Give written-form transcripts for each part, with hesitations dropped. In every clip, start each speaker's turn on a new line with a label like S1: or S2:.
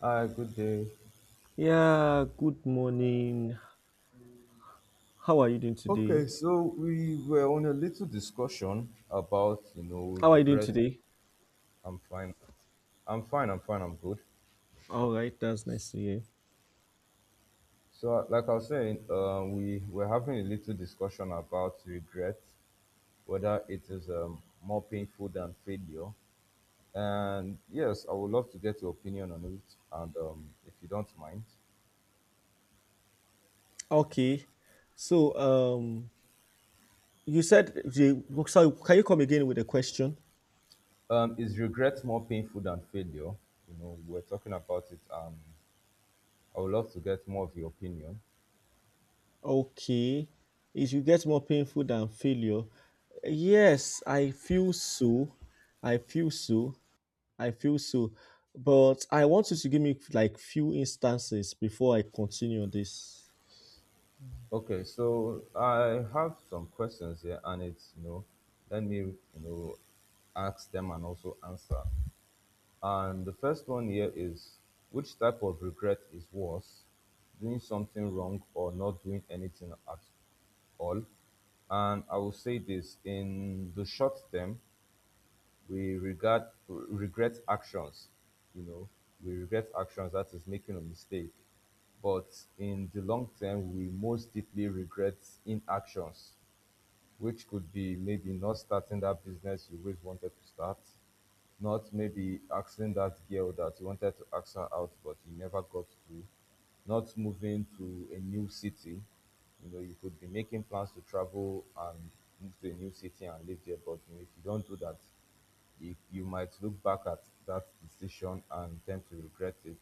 S1: Hi, good day.
S2: Yeah, good morning. How are you doing
S1: Okay,
S2: today?
S1: so we were on a little discussion about,
S2: How are you doing
S1: regret.
S2: today?
S1: I'm fine. I'm fine. I'm fine. I'm good.
S2: All right, that's nice to hear.
S1: So, like I was saying, we were having a little discussion about regret, whether it is more painful than failure. And yes, I would love to get your opinion on it. And if you don't mind,
S2: Okay, so you said the sorry, can you come again with a question?
S1: is regret more painful than failure? You know, we're talking about it, and I would love to get more of your opinion.
S2: Okay, it should get more painful than failure. Yes, I feel so. I feel so. I feel so. But I want you to give me like few instances before I continue on this.
S1: Okay, so I have some questions here, and it's let me know ask them and also answer. And the first one here is, which type of regret is worse, doing something wrong or not doing anything at all? And I will say, this in the short term, we regard regret actions, you know we regret actions, that is, making a mistake. But in the long term we most deeply regret inactions, which could be maybe not starting that business you always wanted to start, not maybe asking that girl that you wanted to ask her out but you never got to, not moving to a new city. You could be making plans to travel and move to a new city and live there, but if you don't do that, you might look back at that decision and tend to regret it.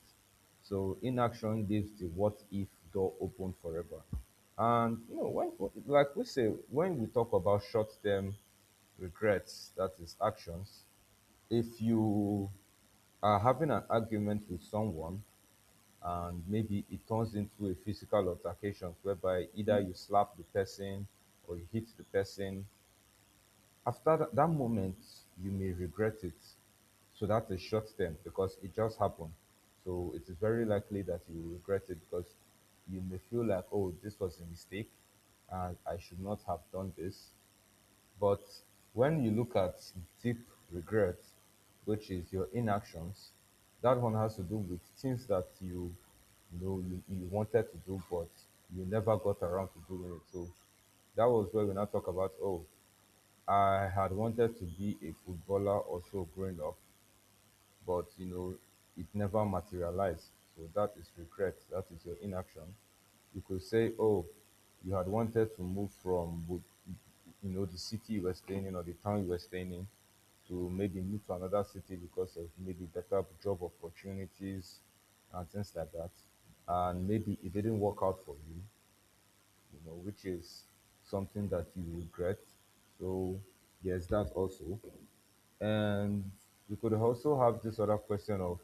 S1: So inaction leaves the what if door open forever. And when, like we say, when we talk about short term regrets, that is actions, if you are having an argument with someone and maybe it turns into a physical altercation whereby either you slap the person or you hit the person, after that moment, you may regret it. So that's a short term because it just happened. So it is very likely that you will regret it because you may feel like, oh, this was a mistake and I should not have done this. But when you look at deep regret, which is your inactions, that one has to do with things that you, you wanted to do but you never got around to doing it. So that was where we now talk about, oh, I had wanted to be a footballer also growing up, but it never materialized. So that is regret. That is your inaction. You could say, oh, you had wanted to move from, the city you were staying in or the town you were staying in, to maybe move to another city because of maybe better job opportunities and things like that. And maybe it didn't work out for you, which is something that you regret. So there's that also. And we could also have this other question of,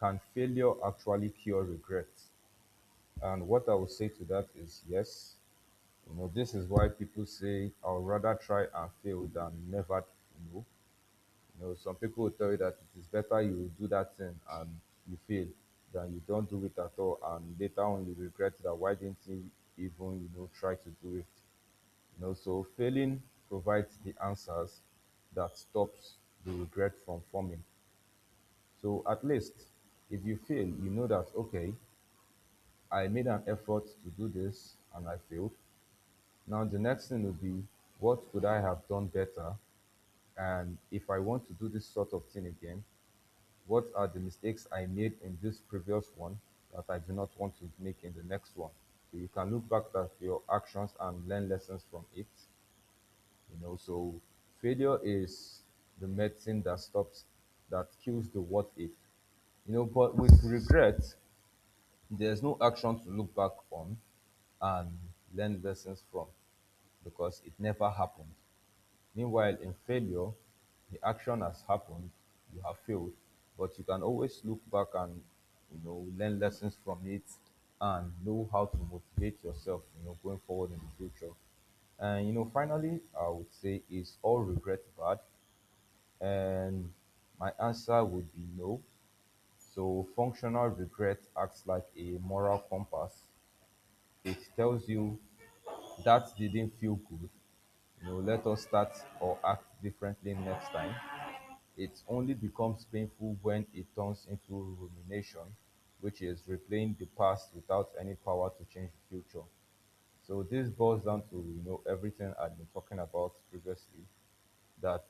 S1: can failure actually cure regret? And what I would say to that is yes. You know, this is why people say I'll rather try and fail than never you know. You know, some people will tell you that it is better you do that thing and you fail than you don't do it at all and later on you regret that why didn't you even try to do it, so failing provides the answers that stops the regret from forming. So at least if you fail, you know that, okay, I made an effort to do this and I failed. Now the next thing will be, what could I have done better? And if I want to do this sort of thing again, what are the mistakes I made in this previous one that I do not want to make in the next one? So you can look back at your actions and learn lessons from it. You know, so failure is the medicine that stops, that kills the what if. You know, but with regret, there's no action to look back on and learn lessons from, because it never happened. Meanwhile, in failure, the action has happened, you have failed, but you can always look back and learn lessons from it, and know how to motivate yourself, going forward in the future. And finally, I would say, is all regret bad? And my answer would be no. So functional regret acts like a moral compass. It tells you that didn't feel good. You know, let us start or act differently next time. It only becomes painful when it turns into rumination, which is replaying the past without any power to change the future. So this boils down to everything I've been talking about previously, that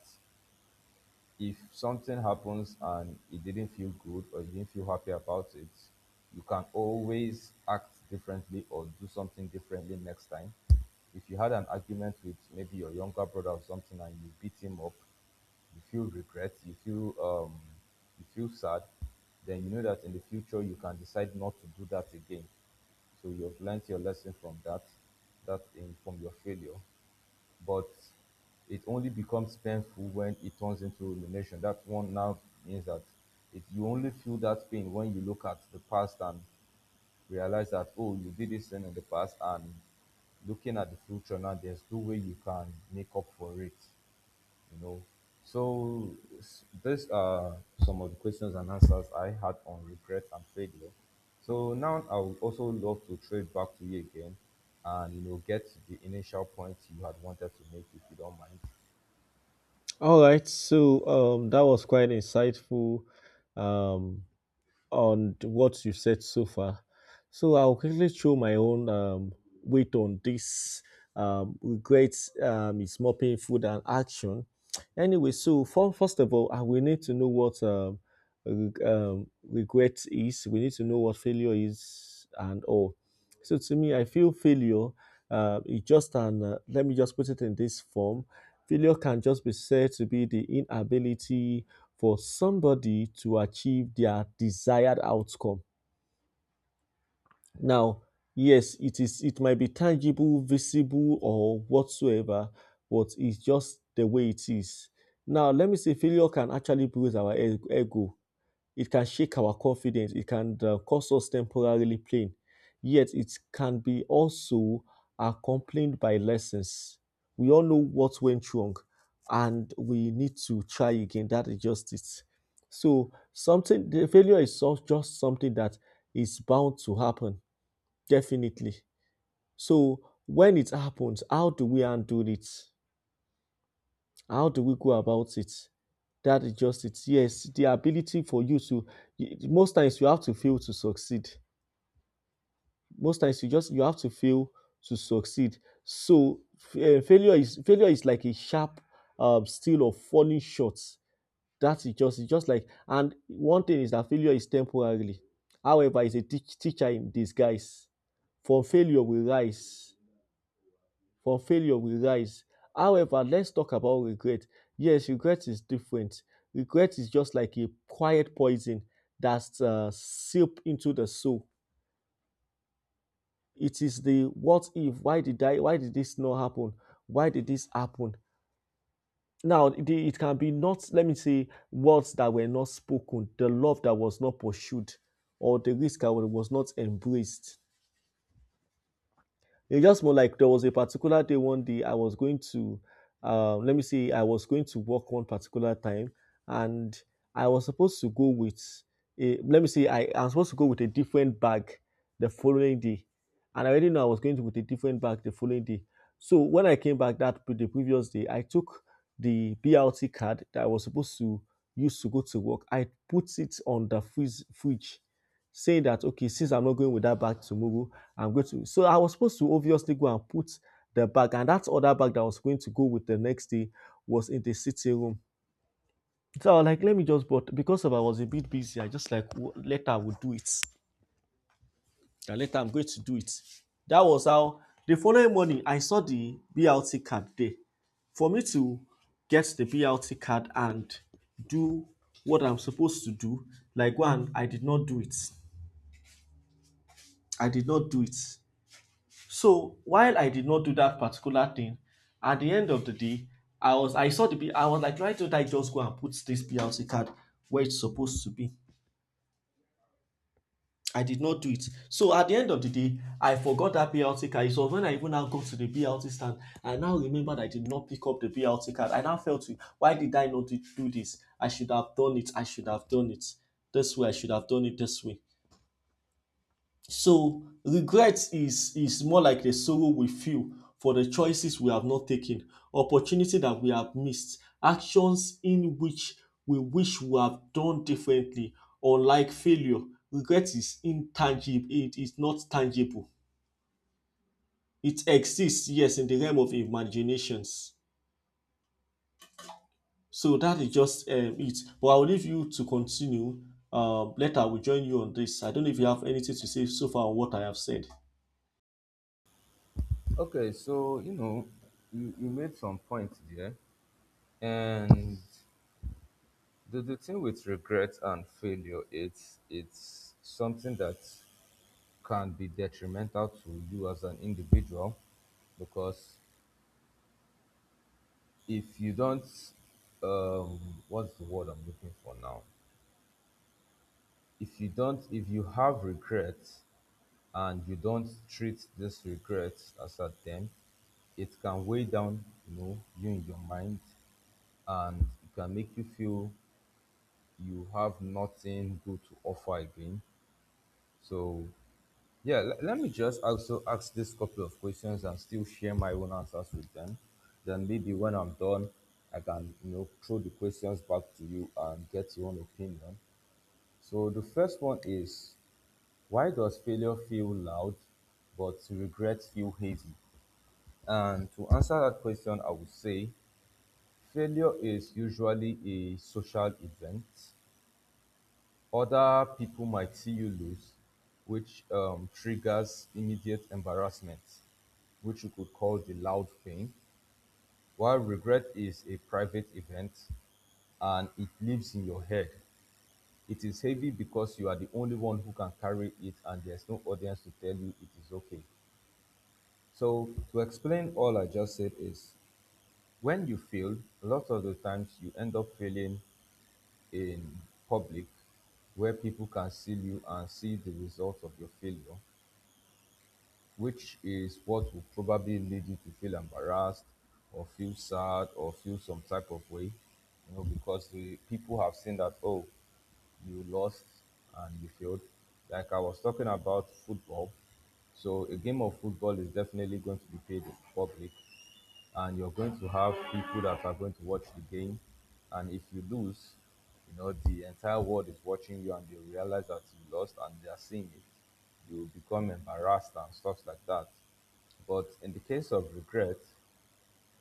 S1: if something happens and it didn't feel good or you didn't feel happy about it, you can always act differently or do something differently next time. If you had an argument with maybe your younger brother or something and you beat him up, you feel regret, you feel sad, then you know that in the future you can decide not to do that again. So you've learned your lesson from that, that in, from your failure. But it only becomes painful when it turns into rumination. That one now means that it, you only feel that pain when you look at the past and realize that, oh, you did this thing in the past, and looking at the future now, there's no way you can make up for it you know. So these are some of the questions and answers I had on regret and failure. So now I would also love to trade back to you again and get to the initial points you had wanted to make if you don't mind.
S2: All right, so that was quite insightful. Um, on what you've said so far. So I'll quickly throw my own weight on this. Regret is more painful than action. Anyway, so for, first of all, we need to know what regret is. We need to know what failure is and all. So to me, I feel failure is just an, let me just put it in this form. Failure can just be said to be the inability for somebody to achieve their desired outcome. Now, yes, it is it might be tangible, visible, or whatsoever, but it's just the way it is. Now, let me say failure can actually bruise our ego, it can shake our confidence. It can cause us temporarily pain. Yet it can be also accompanied by lessons. We all know what went wrong and we need to try again. That is just it. So something the failure is just something that is bound to happen, definitely. So when it happens, how do we undo it? How do we go about it? That is just it. Yes, the ability for you to most times you have to fail to succeed. Most times you just you have to fail to succeed. So failure is like a sharp steel of falling short. That is just it's just like, and one thing is that failure is temporarily. However, it's a teacher in disguise. From failure we rise. From failure, we rise. However, let's talk about regret. Yes, regret is different. Regret is just like a quiet poison that's seep into the soul. It is the what if, why did I, why did this not happen? Why did this happen? Now, the, it can be not, let me say, words that were not spoken, the love that was not pursued, or the risk that was not embraced. It's just more like there was a particular day, one day I was going to, let me see, I was going to work one particular time, and I was supposed to go with a, let me see, I was supposed to go with a different bag the following day, and I already know I was going to with a different bag the following day. So when I came back that the previous day, I took the BLT card that I was supposed to use to go to work. I put it on the freeze fridge, saying that okay, since I'm not going with that bag tomorrow, I'm going to. So I was supposed to obviously go and put the bag, and that other bag that I was going to go with the next day was in the sitting room. So I was like, let me just, but because of I was a bit busy, I just like, Later I will do it. And later I'm going to do it." That was how. The following morning, I saw the BLT card there. For me to get the BLT card and do what I'm supposed to do, like one, I did not do it. I did not do it. So while I did not do that particular thing, at the end of the day, I saw the bill. I was like, why don't I just go and put this PLC card where it's supposed to be? I did not do it. So at the end of the day, I forgot that BLT card. So when I even now go to the BLT stand, I now remember that I did not pick up the BLT card. I now felt, why did I not do this? I should have done it. I should have done it this way. I should have done it this way. So regret is more like the sorrow we feel for the choices we have not taken, opportunity that we have missed, actions in which we wish we have done differently. Unlike failure, regret is intangible, it is not tangible. It exists, yes, in the realm of imaginations. So that is just it. But I'll leave you to continue. Later, I will join you on this. I don't know if you have anything to say so far on what I have said.
S1: Okay, so you made some points there, and the thing with regret and failure, it's something that can be detrimental to you as an individual, because if you don't um what's the word I'm looking for now, if you don't, if you have regrets and you don't treat these regrets as a them, it can weigh down, you in your mind, and it can make you feel you have nothing good to offer again. So yeah, let me just also ask this couple of questions and still share my own answers with them. Then maybe when I'm done, I can throw the questions back to you and get your own opinion. So the first one is, why does failure feel loud but regret feel heavy? And to answer that question, I would say failure is usually a social event. Other people might see you lose, which triggers immediate embarrassment, which you could call the loud pain, while regret is a private event and it lives in your head. It is heavy because you are the only one who can carry it and there's no audience to tell you it is okay. So, to explain all I just said, is when you fail, a lot of the times you end up failing in public, where people can see you and see the result of your failure, which is what will probably lead you to feel embarrassed or feel sad or feel some type of way, because the people have seen that, oh, you lost and you failed. Like I was talking about football, so a game of football is definitely going to be paid in public, and you're going to have people that are going to watch the game. And if you lose, you know, the entire world is watching you and they realize that you lost and they are seeing it. You become embarrassed and stuff like that. But in the case of regret,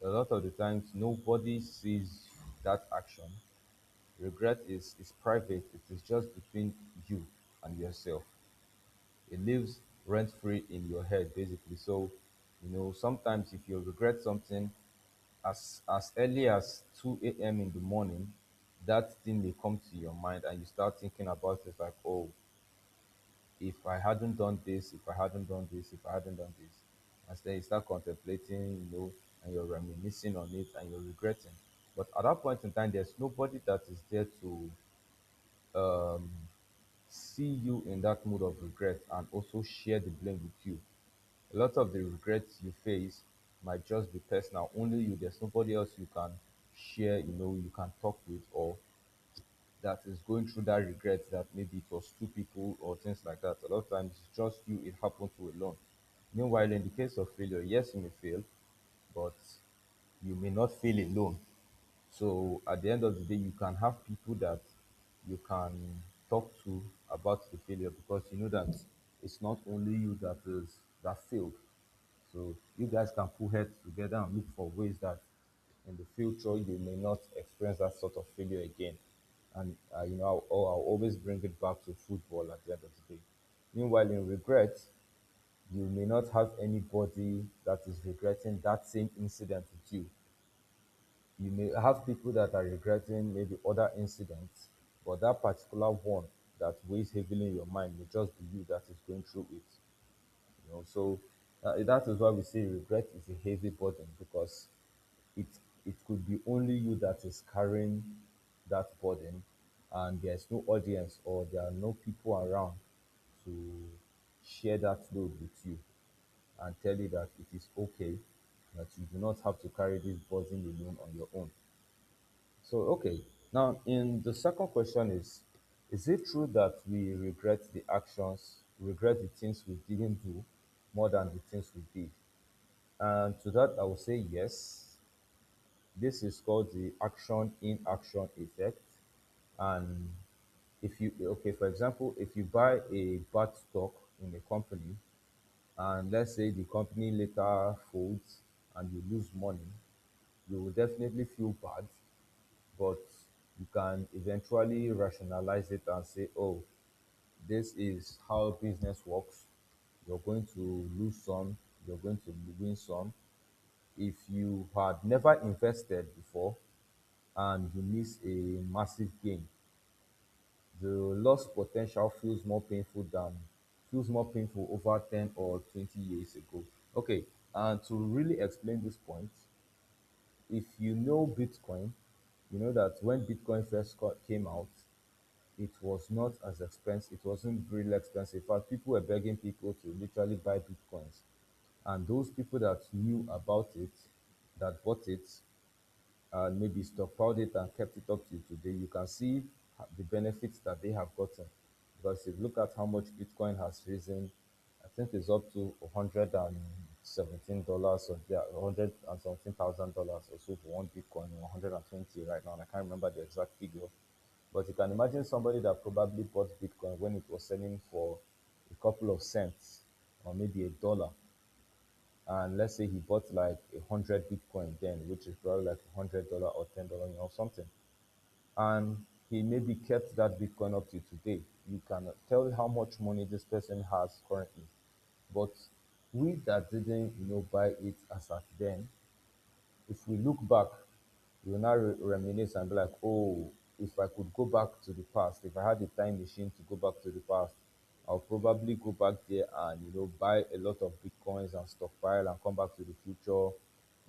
S1: a lot of the times nobody sees that action. Regret is, private. It is just between you and yourself. It lives rent free in your head, basically. So sometimes if you regret something as early as 2 a.m in the morning, that thing may come to your mind and you start thinking about it like, oh, if I hadn't done this, if I hadn't done this, if I hadn't done this, and then you start contemplating, and you're reminiscing on it and you're regretting, but at that point in time there's nobody that is there to um see you in that mood of regret and also share the blame with you. A lot of the regrets you face might just be personal, only you. There's nobody else you can share, you can talk with, or that is going through that regret, that maybe it was two people or things like that. A lot of times it's just you, it happened to alone. Meanwhile, in the case of failure, yes, you may fail, but you may not fail alone. So at the end of the day, you can have people that you can talk to about the failure because you know that it's not only you that is that failed. So you guys can pull heads together and look for ways that in the future you may not experience that sort of failure again. And I'll always bring it back to football at the end of the day. Meanwhile, in regret, you may not have anybody that is regretting that same incident with you. You may have people that are regretting maybe other incidents, but that particular one that weighs heavily in your mind may just be you that is going through it. So that is why we say regret is a heavy burden because it it could be only you that is carrying that burden, and there's no audience or there are no people around to share that load with you and tell you that it is okay, that you do not have to carry this burden alone on your own. So, okay. Now, in the second question, is it true that we regret the actions, regret the things we didn't do more than the things we did? And to that, I will say yes. This is called the action inaction effect. And if you, okay, for example, if you buy a bad stock in a company, and let's say the company later folds and you lose money, you will definitely feel bad, but you can eventually rationalize it and say, "Oh, this is how business works. You're going to lose some, you're going to win some." If you had never invested before and you miss a massive gain, the loss potential feels more painful over 10 or 20 years ago. Okay, and to really explain this point, if you know Bitcoin, you know that when Bitcoin first came out, it was not as expensive. It wasn't really expensive. In fact, people were begging people to literally buy bitcoins, and those people that knew about it, that bought it, and maybe stockpiled it and kept it up till today, you can see the benefits that they have gotten. Because if you look at how much Bitcoin has risen, I think it's up to $117, or yeah, 100 and something thousand dollars or so for one Bitcoin, 120 right now. And I can't remember the exact figure, but you can imagine somebody that probably bought Bitcoin when it was selling for a couple of cents or maybe a dollar, and let's say he bought like a hundred Bitcoin then, which is probably like $100 or $10 or something, and he maybe kept that Bitcoin up to today. You cannot tell how much money this person has currently, but we that didn't buy it as at then, if we look back, we will now reminisce and be like, "Oh, if I could go back to the past, if I had a time machine to go back to the past, I'll probably go back there and buy a lot of bitcoins and stockpile and come back to the future,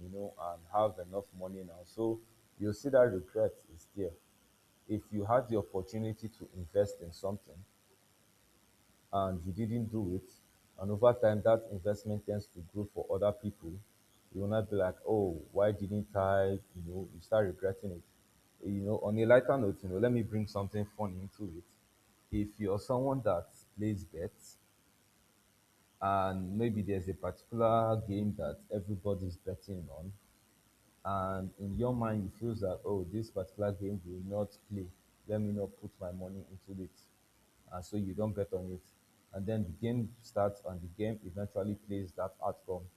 S1: and have enough money now." So you'll see that regret is there. If you had the opportunity to invest in something, and he didn't do it, and over time, that investment tends to grow for other people, you will not be like, "Oh, why didn't I?" You start regretting it. On a lighter note, let me bring something fun into it. If you're someone that plays bets, and maybe there's a particular game that everybody's betting on, and in your mind you feel that, oh, this particular game will not play, let me not put my money into it, and so you don't bet on it, and then the game starts and the game eventually plays that outcome,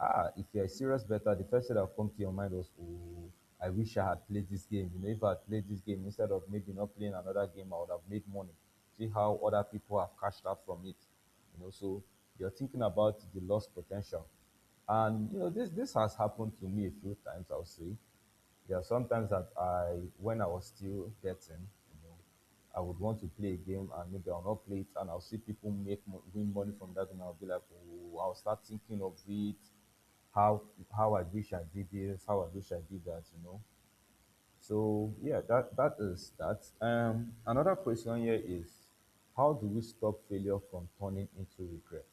S1: ah, if you're a serious better, the first thing that will come to your mind was, "Oh, I wish I had played this game. You know, if I had played this game instead of maybe not playing another game, I would have made money. See how other people have cashed out from it." So you're thinking about the lost potential. And this has happened to me a few times, I'll say. There are sometimes that I, when I was still getting, I would want to play a game and maybe I'll not play it and I'll see people win money from that, and I'll be like, "Oh," I'll start thinking of it, how how I wish I did this, how I wish I did that. So yeah, that is that. Another question here is, how do we stop failure from turning into regret?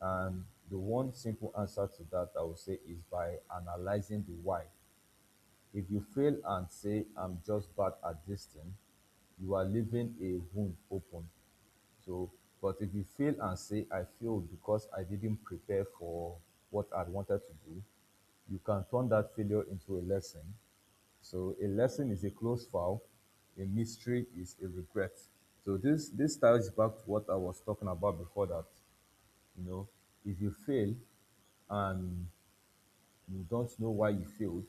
S1: And the one simple answer to that, I would say, is by analyzing the why. If you fail and say, "I'm just bad at this thing," you are leaving a wound open. So, but if you fail and say, "I failed because I didn't prepare for what I wanted to do," you can turn that failure into a lesson. So, a lesson is a closed file, a mystery is a regret. So, this ties back to what I was talking about before, that, you know, if you fail and you don't know why you failed,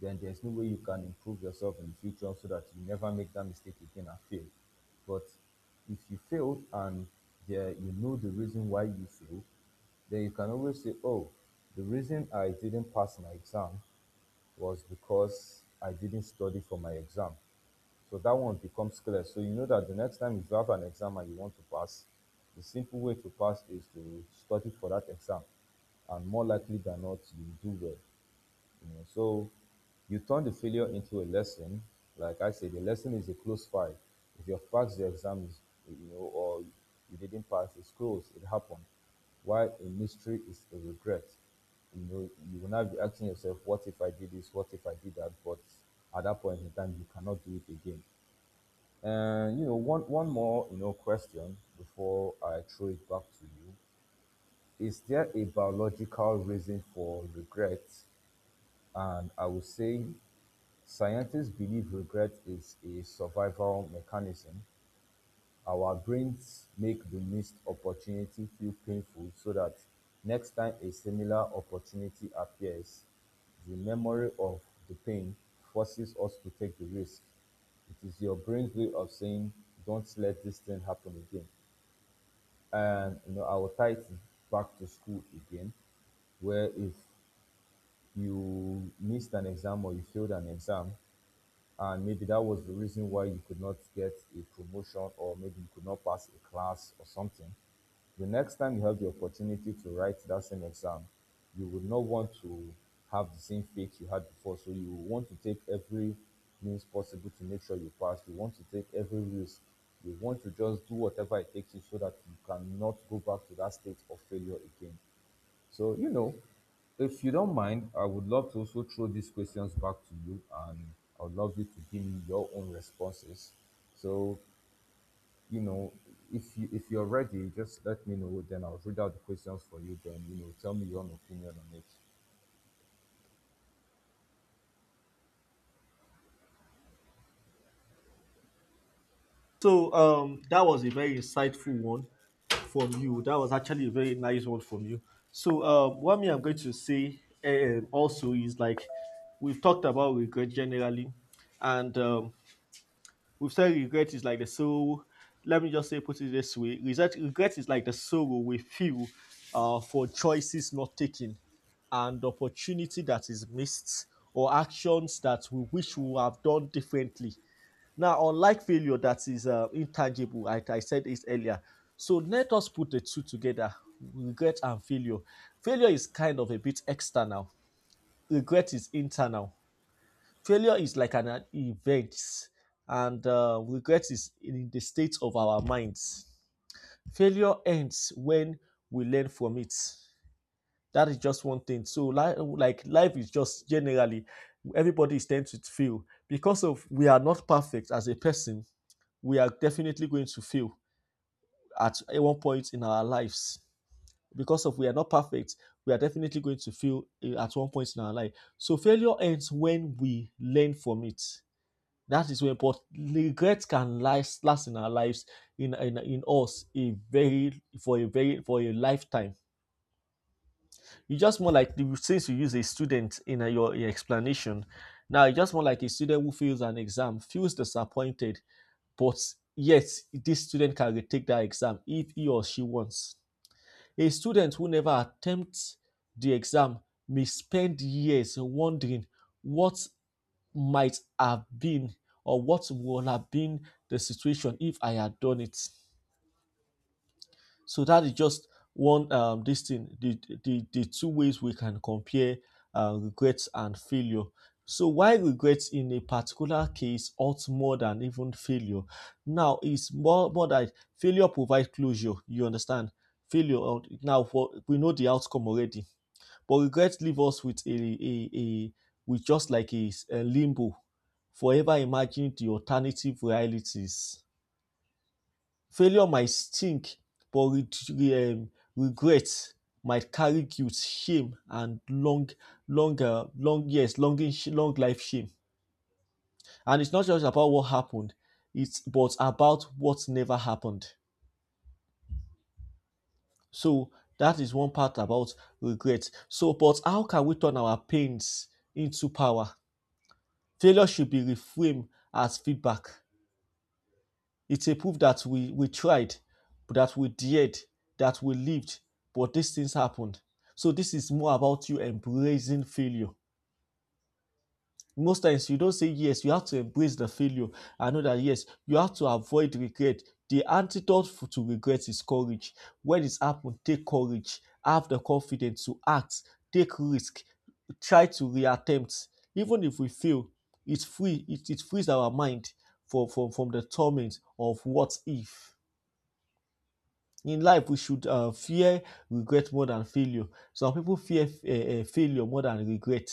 S1: then there's no way you can improve yourself in the future so that you never make that mistake again and fail. But if you failed and there you know the reason why you failed, then you can always say, "Oh, the reason I didn't pass my exam was because I didn't study for my exam." So that one becomes clear. So you know that the next time, if you have an exam and you want to pass, the simple way to pass is to study for that exam. And more likely than not, you do well. So you turn the failure into a lesson. Like I said, the lesson is a close file. If you pass the exams, or you didn't pass, it's closed. It happened. While a mystery is a regret. You will not be asking yourself, "What if I did this? What if I did that?" But at that point in time, you cannot do it again. And one more question before I throw it back to you, is there a biological reason for regret? And I would say, scientists believe regret is a survival mechanism. Our brains make the missed opportunity feel painful so that next time a similar opportunity appears, the memory of the pain forces us to take the risk. It is your brain's way of saying, don't let this thing happen again. And I will tie it back to school again, where if you missed an exam or you failed an exam, and maybe that was the reason why you could not get a promotion or maybe you could not pass a class or something, the next time you have the opportunity to write that same exam, you would not want to have the same fate you had before. So you want to take every means possible to make sure you pass. You want to take every risk. You want to just do whatever it takes you so that you cannot go back to that state of failure again. So, if you don't mind, I would love to also throw these questions back to you, and I would love you to give me your own responses. So, you know, if you're ready, just let me know, then I'll read out the questions for you, then tell me your own opinion on it.
S2: So that was a very insightful one from you. That was actually a very nice one from you. So what me I'm going to say also is like we've talked about regret generally, and we've said regret is like the sorrow. Let me just say put it this way: regret is like the sorrow we feel for choices not taken, and opportunity that is missed, or actions that we wish we would have done differently. Now, unlike failure that is intangible, I said this earlier. So let us put the two together, regret and failure. Failure is kind of a bit external, regret is internal. Failure is like an event, and regret is in the state of our minds. Failure ends when we learn from it. That is just one thing. So, like life is just generally, everybody is tend to fail because of we are not perfect as a person, we are definitely going to fail at one point in our lives because of we are not perfect, we are definitely going to fail at one point in our life, so failure ends when we learn from it, that is when. But regret can last in our lives in us a very, for a very, for a lifetime. You just more like, since you use a student in your explanation, now you just more like a student who fails an exam feels disappointed, but yet this student can retake that exam if he or she wants. A student who never attempts the exam may spend years wondering what might have been or what would have been the situation if I had done it. So that is just one this thing, the two ways we can compare regrets and failure. So why regrets in a particular case ought more than even failure? Now it's more that failure provides closure. You understand? Failure now for we know the outcome already, but regrets leave us with a with just like a limbo, forever imagining the alternative realities. Failure might stink, but regret might carry guilt, shame, and longer, long years, longing, long life shame. And it's not just about what happened; it's but about what never happened. So that is one part about regret. So, but how can we turn our pains into power? Failure should be reframed as feedback. It's a proof that we tried, that we dared, that we lived, but these things happened. So this is more about you embracing failure. Most times you don't say yes, you have to embrace the failure. I know that yes, you have to avoid regret. The antidote to regret is courage. When it's happened, take courage, have the confidence to act, take risk, try to reattempt. Even if we fail, it frees our mind from the torment of what if. In life, we should fear regret more than failure. Some people fear failure more than regret.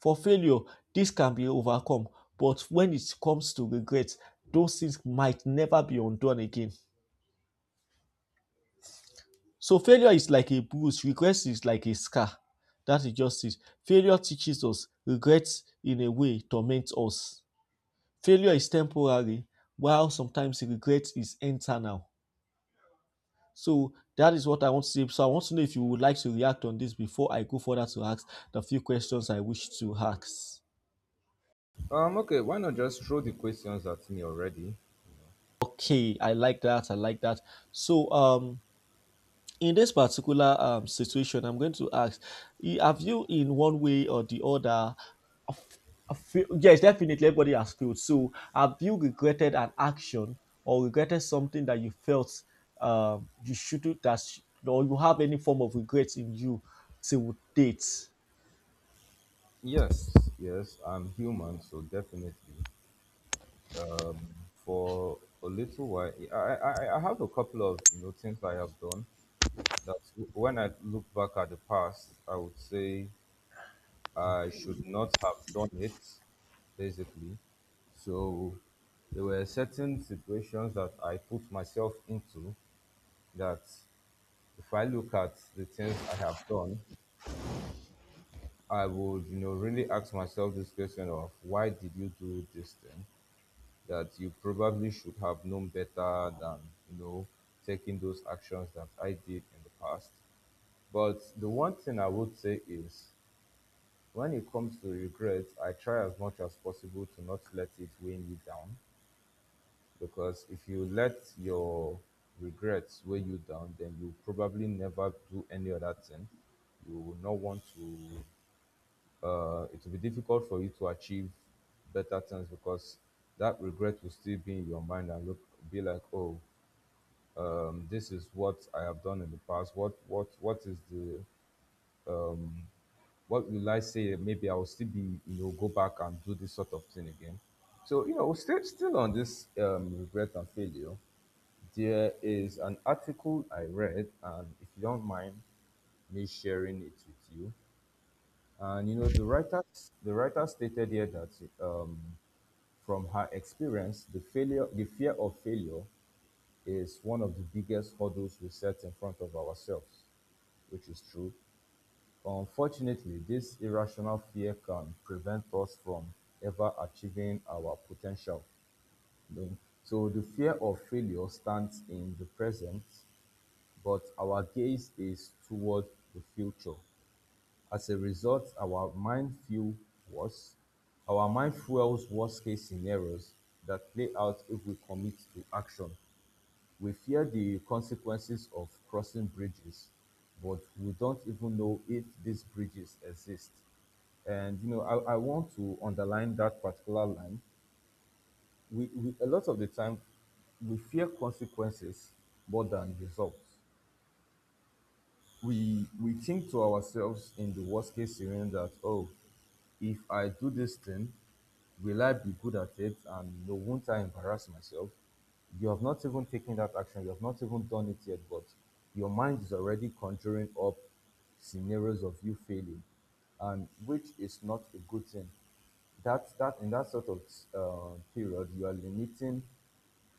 S2: For failure, this can be overcome, but when it comes to regret, those things might never be undone again. So, failure is like a bruise, regret is like a scar. That is just it. Failure teaches us, regret, in a way, torments us. Failure is temporary, while sometimes regret is internal. So that is what I want to say. So I want to know if you would like to react on this before I go further to ask the few questions I wish to ask.
S1: Okay, why not just throw the questions at me already?
S2: Okay, I like that. I like that. So in this particular situation, I'm going to ask, have you in one way or the other, yes, definitely everybody has failed. So have you regretted an action or regretted something that you felt you shouldn't that, or you have any form of regrets in you till date?
S1: Yes, yes, I'm human, so definitely. For a little while, I have a couple of things I have done, that when I look back at the past, I would say I should not have done it, basically. So there were certain situations that I put myself into that, if I look at the things I have done, I would, really ask myself this question of, why did you do this thing? That you probably should have known better than, you know, taking those actions that I did in the past. But the one thing I would say is, when it comes to regret, I try as much as possible to not let it weigh me down, because if you let your regrets weigh you down, then you probably never do any other thing. You will not want to, it will be difficult for you to achieve better things because that regret will still be in your mind and look, be like, oh, this is what I have done in the past. What is the um, what will I say? Maybe I will still be, go back and do this sort of thing again. So, still on this regret and failure, there is an article I read, and if you don't mind me sharing it with you, and the writer stated here that um, from her experience, the fear of failure is one of the biggest hurdles we set in front of ourselves, which is true. Unfortunately, this irrational fear can prevent us from ever achieving our potential. you know. So the fear of failure stands in the present, but our gaze is toward the future. As a result, our mind fuel worse. Our mind fuels worst case scenarios that play out if we commit to action. We fear the consequences of crossing bridges, but we don't even know if these bridges exist. And I want to underline that particular line. We, a lot of the time, we fear consequences more than results. We think to ourselves, in the worst case scenario, that, oh, if I do this thing, will I be good at it? And no, won't I embarrass myself? You have not even taken that action, you have not even done it yet, but your mind is already conjuring up scenarios of you failing, and which is not a good thing. That in that sort of period, you are limiting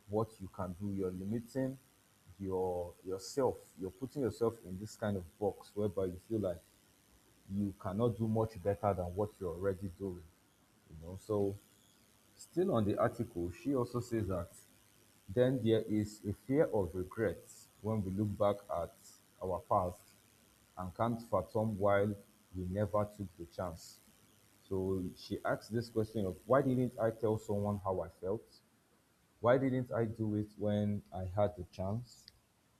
S1: what you can do. You're limiting yourself. You're putting yourself in this kind of box whereby you feel like you cannot do much better than what you're already doing. So still on the article, she also says that then there is a fear of regret when we look back at our past and can't fathom why we never took the chance. So she asked this question of, why didn't I tell someone how I felt? Why didn't I do it when I had the chance?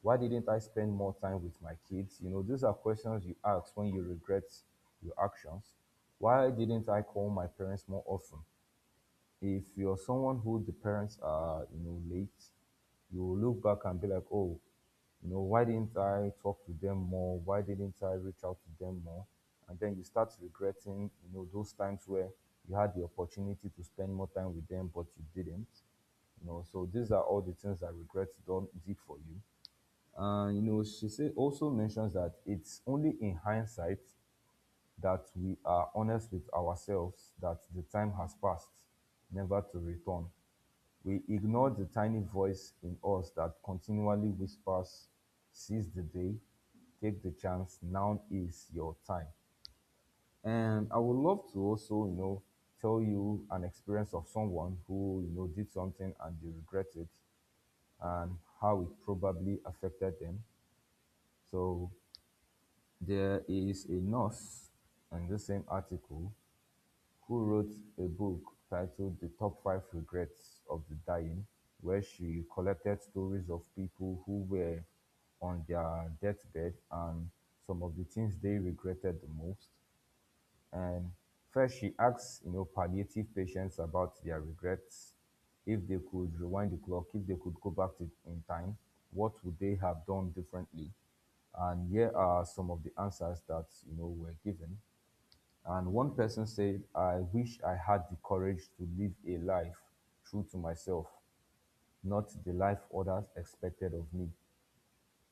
S1: Why didn't I spend more time with my kids? These are questions you ask when you regret your actions. Why didn't I call my parents more often? If you're someone who the parents are, late, you will look back and be like, oh, why didn't I talk to them more? Why didn't I reach out to them more? And then you start regretting, those times where you had the opportunity to spend more time with them, but you didn't. So these are all the things that regrets don't did for you. And she say, also mentions that it's only in hindsight that we are honest with ourselves, that the time has passed, never to return. We ignore the tiny voice in us that continually whispers, seize the day, take the chance, now is your time. And I would love to also, tell you an experience of someone who, did something and they regretted, and how it probably affected them. So there is a nurse in the same article who wrote a book titled The Top Five Regrets of the Dying, where she collected stories of people who were on their deathbed and some of the things they regretted the most. And first, she asks, palliative patients about their regrets. If they could rewind the clock, if they could go back in time, what would they have done differently? And here are some of the answers that were given. And one person said, I wish I had the courage to live a life true to myself, not the life others expected of me.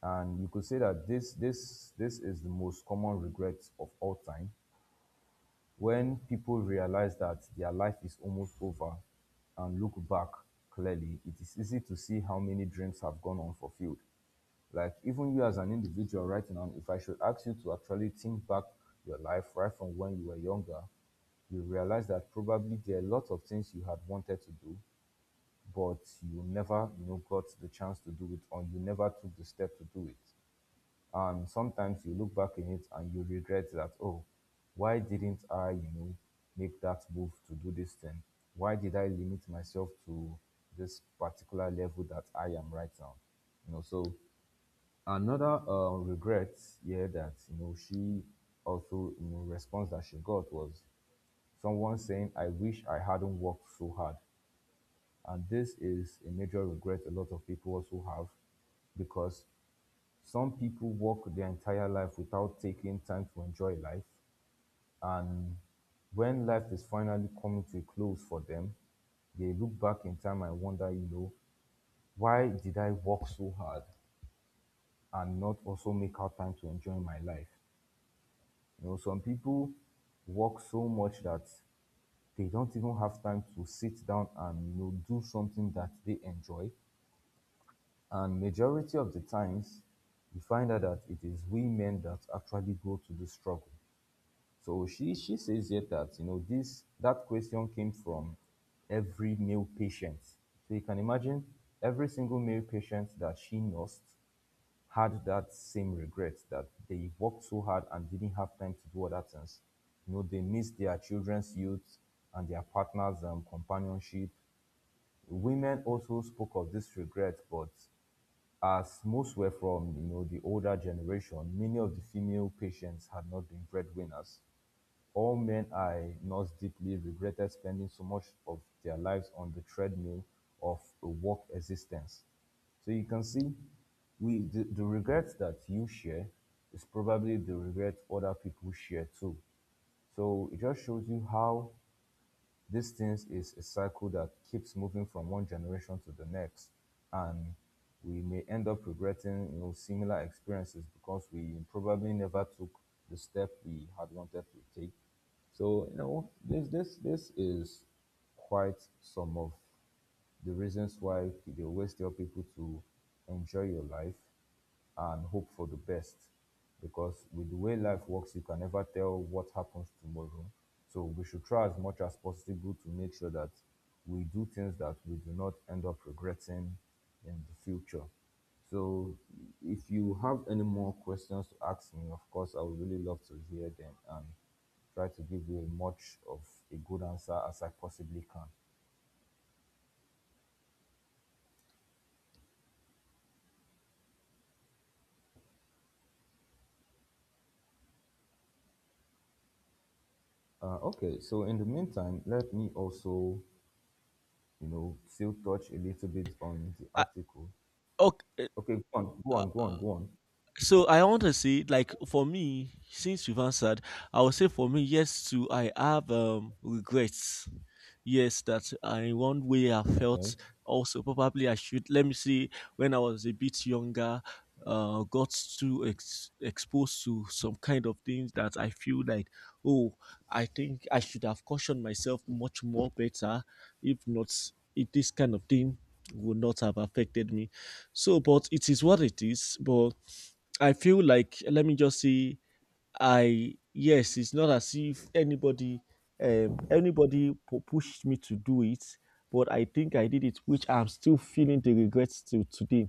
S1: And you could say that this is the most common regret of all time. When people realize that their life is almost over and look back clearly, it is easy to see how many dreams have gone unfulfilled. Like even you as an individual right now, if I should ask you to actually think back your life right from when you were younger, you realize that probably there are a lot of things you had wanted to do, but you never, got the chance to do it, or you never took the step to do it. And sometimes you look back in it and you regret that, oh, why didn't I, make that move to do this thing? Why did I limit myself to this particular level that I am right now? So another regret here that she also response that she got was someone saying, I wish I hadn't worked so hard. And this is a major regret a lot of people also have, because some people work their entire life without taking time to enjoy life, and when life is finally coming to a close for them, they look back in time and wonder, why did I work so hard and not also make out time to enjoy my life? Some people work so much that they don't even have time to sit down and do something that they enjoy. And majority of the times, you find out that it is we men that actually go to the struggle. So she says yet that this that question came from every male patient. So you can imagine every single male patient that she nursed had that same regret, that they worked so hard and didn't have time to do other things. They miss their children's youth and their partners' companionship. Women also spoke of this regret, but as most were from the older generation, many of the female patients had not been breadwinners. All men I not deeply regretted spending so much of their lives on the treadmill of a work existence. So you can see the regret that you share is probably the regret other people share too. So it just shows you how these things is a cycle that keeps moving from one generation to the next, and we may end up regretting similar experiences because we probably never took the step we had wanted to take. So this is quite some of the reasons why they always tell people to enjoy your life and hope for the best. Because with the way life works, you can never tell what happens tomorrow. So we should try as much as possible to make sure that we do things that we do not end up regretting in the future. So if you have any more questions to ask me, of course, I would really love to hear them and try to give you as much of a good answer as I possibly can. Okay, so in the meantime, let me also, still touch a little bit on the article.
S2: Okay.
S1: Okay, go on, go on, go on, go on.
S2: So I want to say, like for me, since you've answered, I would say for me, yes, too, I have regrets. Yes, that I, in one way I
S1: Okay.
S2: felt also probably I should let me see when I was a bit younger, got too exposed to some kind of things that I feel like, oh, I think I should have cautioned myself much more better. If not, if this kind of thing would not have affected me. So, but it is what it is. But I feel like let me just say I yes, it's not as if anybody anybody pushed me to do it, but I think I did it, which I'm still feeling the regrets to today.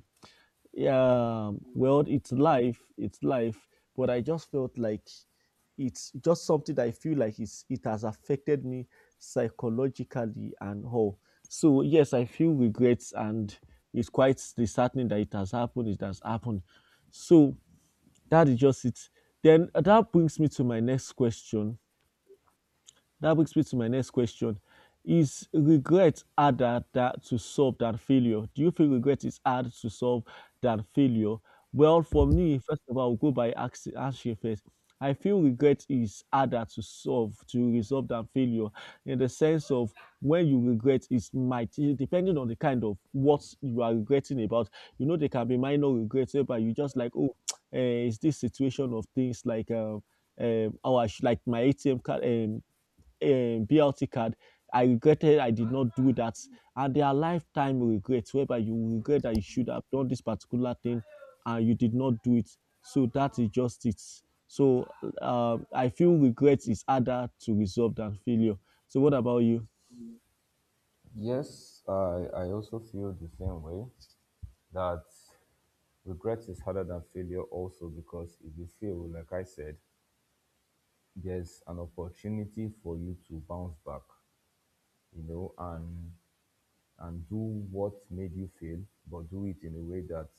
S2: Yeah, well, it's life, but I just felt like it's just something that I feel like it has affected me psychologically and all. So yes, I feel regrets and it's quite disheartening that it has happened, it has happened. So that is just it. Then that brings me to my next question. That brings me to my next question. Is regret harder that to solve than failure? Do you feel regret is hard to solve than failure? Well, for me, first of all, I'll go by answer first. I feel regret is harder to solve, to resolve than failure, in the sense of when you regret, it might, depending on the kind of what you are regretting about. You know, there can be minor regrets, but you just like, oh, it's this situation of things like, how I should, like my ATM card, BLT card. I regretted I did not do that. And there are lifetime regrets whereby you regret that you should have done this particular thing and you did not do it. So that is just it. So I feel regret is harder to resolve than failure. So what about you?
S1: Yes, I also feel the same way that regret is harder than failure, also because if you fail, like I said, there's an opportunity for you to bounce back, you know, and and do what made you fail, but do it in a way that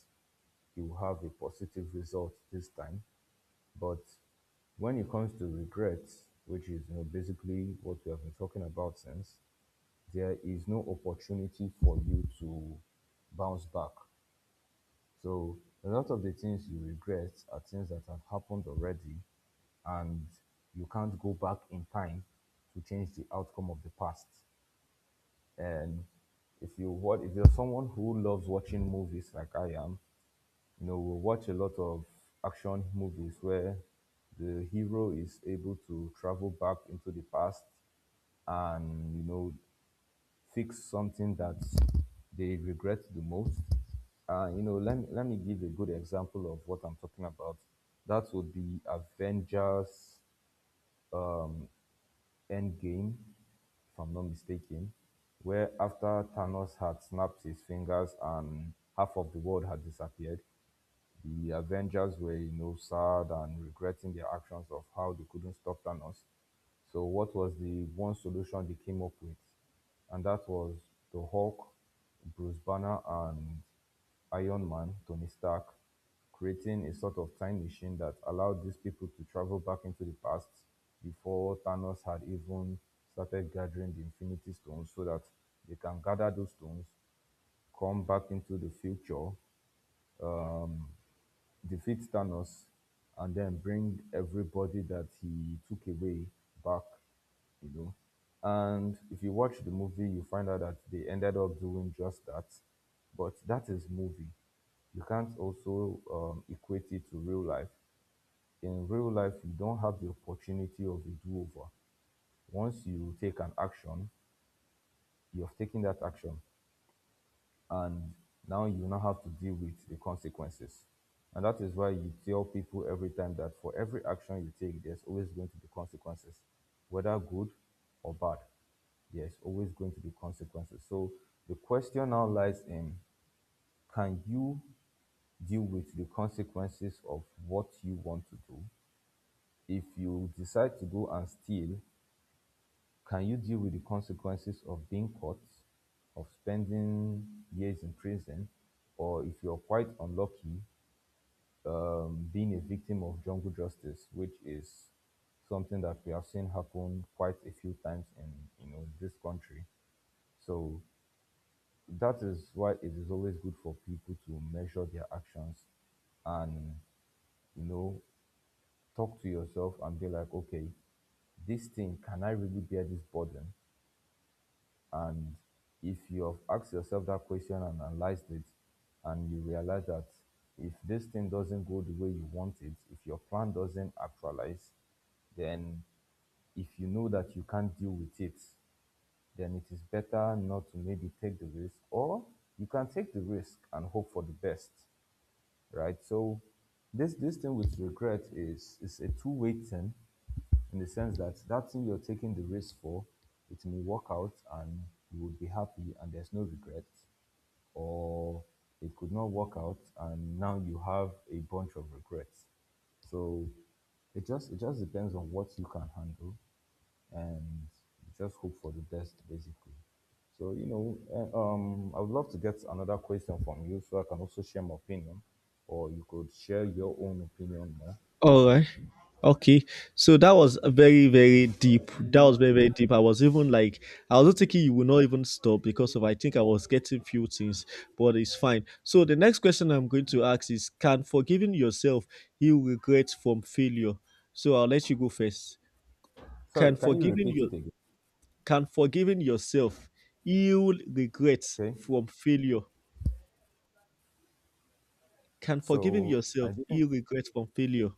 S1: you have a positive result this time. But when it comes to regrets, which is basically what we have been talking about since, there is no opportunity for you to bounce back. So a lot of the things you regret are things that have happened already, and you can't go back in time to change the outcome of the past. And if you what if you're someone who loves watching movies like I am? You know, we watch a lot of action movies where the hero is able to travel back into the past and, fix something that they regret the most. Let me give a good example of what I'm talking about. That would be Avengers Endgame, if I'm not mistaken, where after Thanos had snapped his fingers and half of the world had disappeared, the Avengers were, sad and regretting their actions of how they couldn't stop Thanos. So what was the one solution they came up with? And that was the Hulk, Bruce Banner, and Iron Man, Tony Stark, creating a sort of time machine that allowed these people to travel back into the past before Thanos had even started gathering the Infinity Stones, so that they can gather those stones, come back into the future, defeat Thanos, and then bring everybody that he took away back, you know. And if you watch the movie, you find out that they ended up doing just that. But that is movie. You can't also equate it to real life. In real life, you don't have the opportunity of a do-over. Once you take an action, you have taken that action, and now you now have to deal with the consequences. And that is why you tell people every time that for every action you take, there's always going to be consequences, whether good or bad. There's always going to be consequences. So the question now lies in, can you deal with the consequences of what you want to do? If you decide to go and steal, can you deal with the consequences of being caught, of spending years in prison, or if you're quite unlucky, being a victim of jungle justice, which is something that we have seen happen quite a few times in, you know, this country. So that is why it is always good for people to measure their actions and, you know, talk to yourself and be like, okay, this thing, can I really bear this burden? And if you have asked yourself that question and analyzed it, and you realize that if this thing doesn't go the way you want it, if your plan doesn't actualize, then if you know that you can't deal with it, then it is better not to maybe take the risk, or you can take the risk and hope for the best, right? So this thing with regret is a two-way thing, in the sense that that thing you're taking the risk for, it may work out and you would be happy and there's no regret, or it could not work out and now you have a bunch of regrets. So it just depends on what you can handle, and just hope for the best, basically. So, you know, I would love to get another question from you so I can also share my opinion, or you could share your own opinion more.
S2: All right. Okay. So that was a very, very deep. That was very, very deep. I was even like, I was not thinking you will not even stop because of I think I was getting few things, but it's fine. So the next question I'm going to ask is, can forgiving yourself heal regret from failure? So I'll let you go first.
S1: Sorry,
S2: Can
S1: can you
S2: forgiving
S1: repeat
S2: your
S1: it again?
S2: can forgiving yourself heal regrets
S1: Okay.
S2: from failure? Can forgiving
S1: So I
S2: yourself
S1: didn't.
S2: heal regrets from failure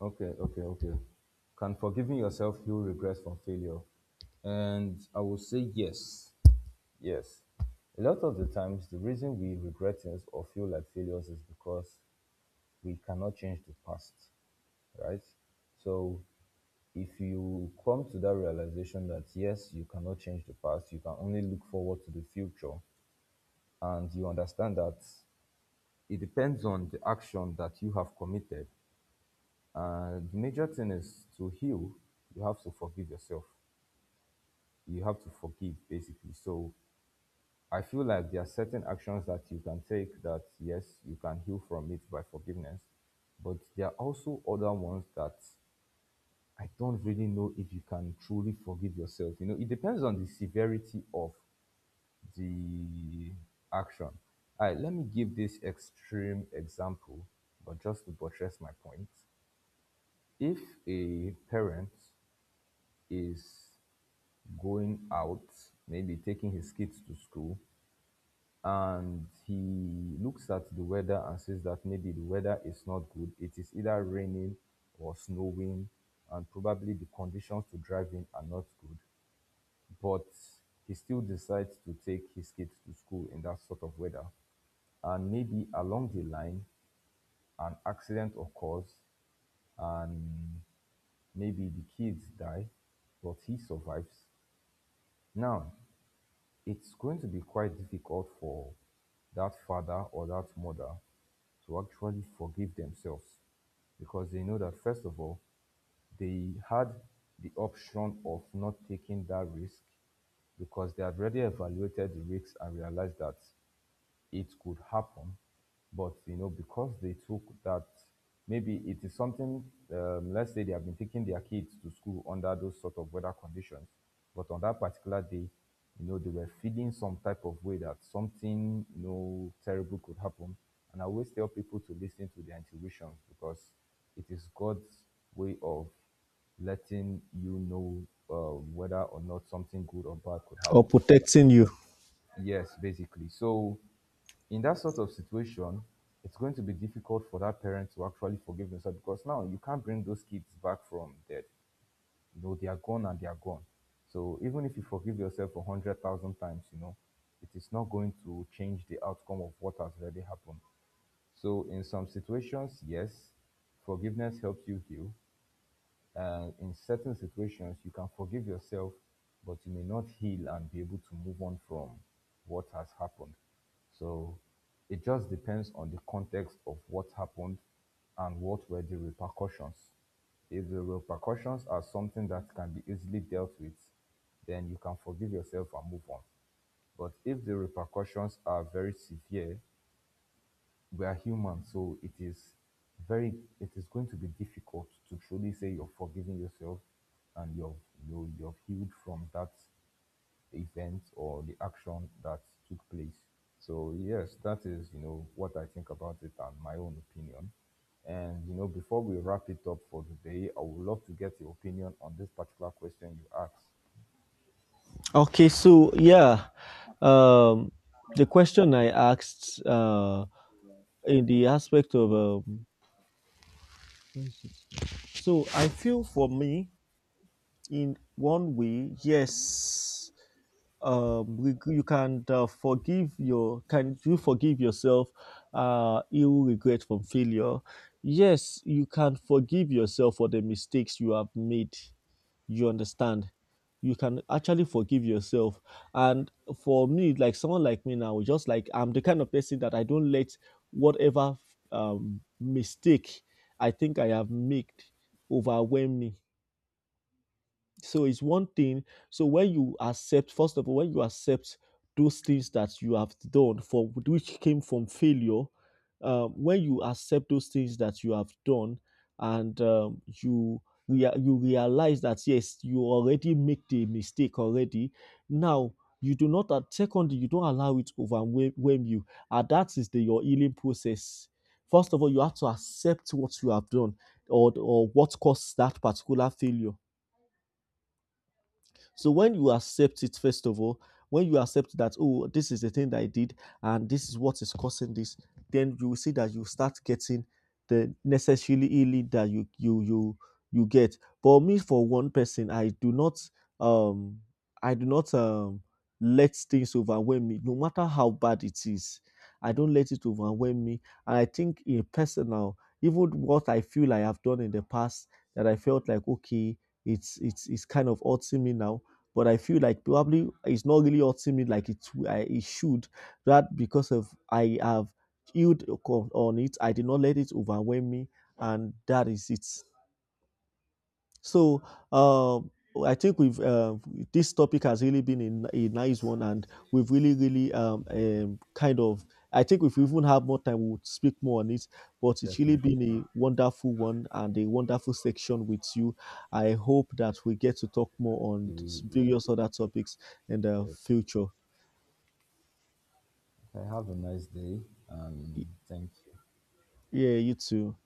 S1: Okay, okay, okay. Can forgiving yourself heal regrets from failure? And I will say yes. Yes. A lot of the times, the reason we regret things or feel like failures is because we cannot change the past, right? So if you come to that realization that yes, you cannot change the past, you can only look forward to the future, and you understand that it depends on the action that you have committed. And the major thing is, to heal, you have to forgive yourself. You have to forgive, basically. So I feel like there are certain actions that you can take that, yes, you can heal from it by forgiveness, but there are also other ones that I don't really know if you can truly forgive yourself. You know, it depends on the severity of the action. All right, let me give this extreme example, but just to buttress my point. If a parent is going out, maybe taking his kids to school, and he looks at the weather and says that maybe the weather is not good, it is either raining or snowing, and probably the conditions to drive in are not good, but he still decides to take his kid to school in that sort of weather. And maybe along the line, an accident occurs. Maybe the kids die, but he survives. Now, it's going to be quite difficult for that father or that mother to actually forgive themselves, because they know that, first of all, they had the option of not taking that risk, because they had already evaluated the risks and realized that it could happen. But you know, because they took that, maybe it is something. Let's say they have been taking their kids to school under those sort of weather conditions, but on that particular day, you know, they were feeling some type of way that something, you know, terrible could happen. And I always tell people to listen to their intuitions, because it is God's way of letting you know whether or not something good or bad could
S2: or
S1: happen.
S2: protecting you?
S1: Yes, basically. So, in that sort of situation, it's going to be difficult for that parent to actually forgive themselves, because now you can't bring those kids back from dead. You know, they are gone and they are gone. So, even if you forgive yourself a 100,000 times, you know, it is not going to change the outcome of what has already happened. So, in some situations, yes, forgiveness helps you heal. In certain situations you can forgive yourself, but you may not heal and be able to move on from what has happened. So it just depends on the context of what happened and what were the repercussions. If the repercussions are something that can be easily dealt with, then you can forgive yourself and move on. But if the repercussions are very severe, we are human, so it is very, it is going to be difficult to truly say you're forgiving yourself and you've healed from that event or the action that took place. So yes, that is, you know, what I think about it and my own opinion. And you know, before we wrap it up for today, I would love to get your opinion on this particular question you asked.
S2: Okay, so yeah, um, the question I asked, in the aspect of, so I feel for me in one way, yes, you can, forgive your can you forgive yourself, ill regret from failure, yes you can forgive yourself for the mistakes you have made, you understand, you can actually forgive yourself. And for me, like someone like me now, just like I'm the kind of person that I don't let whatever mistake I think I have made overwhelm me. So it's one thing. So when you accept, first of all, when you accept those things that you have done for which came from failure, when you accept those things that you have done and you, you realize that yes you already made the mistake already. Now you do not secondly you don't allow it to overwhelm you, and that is the your healing process. First of all, you have to accept what you have done, or what caused that particular failure. So when you accept it, first of all, when you accept that, oh, this is the thing that I did and this is what is causing this, then you will see that you start getting the necessarily healing that you you get. But me for one person, um I do not let things overwhelm me, no matter how bad it is. I don't let it overwhelm me. And I think in personal, even what I feel I have done in the past that I felt like okay, it's kind of hurting me now but I feel like probably it's not really hurting me like it should. That because of I have healed on it, I did not let it overwhelm me, and that is it. So uh, I think we've this topic has really been a nice one, and we've really, really kind of. I think if we even have more time, we would speak more on it. But it's really
S1: Definitely.
S2: been a wonderful one and a wonderful section with you. I hope that we get to talk more on
S1: We,
S2: various other topics in the
S1: yes.
S2: future.
S1: Okay, have a nice day, and thank you.
S2: Yeah, you too.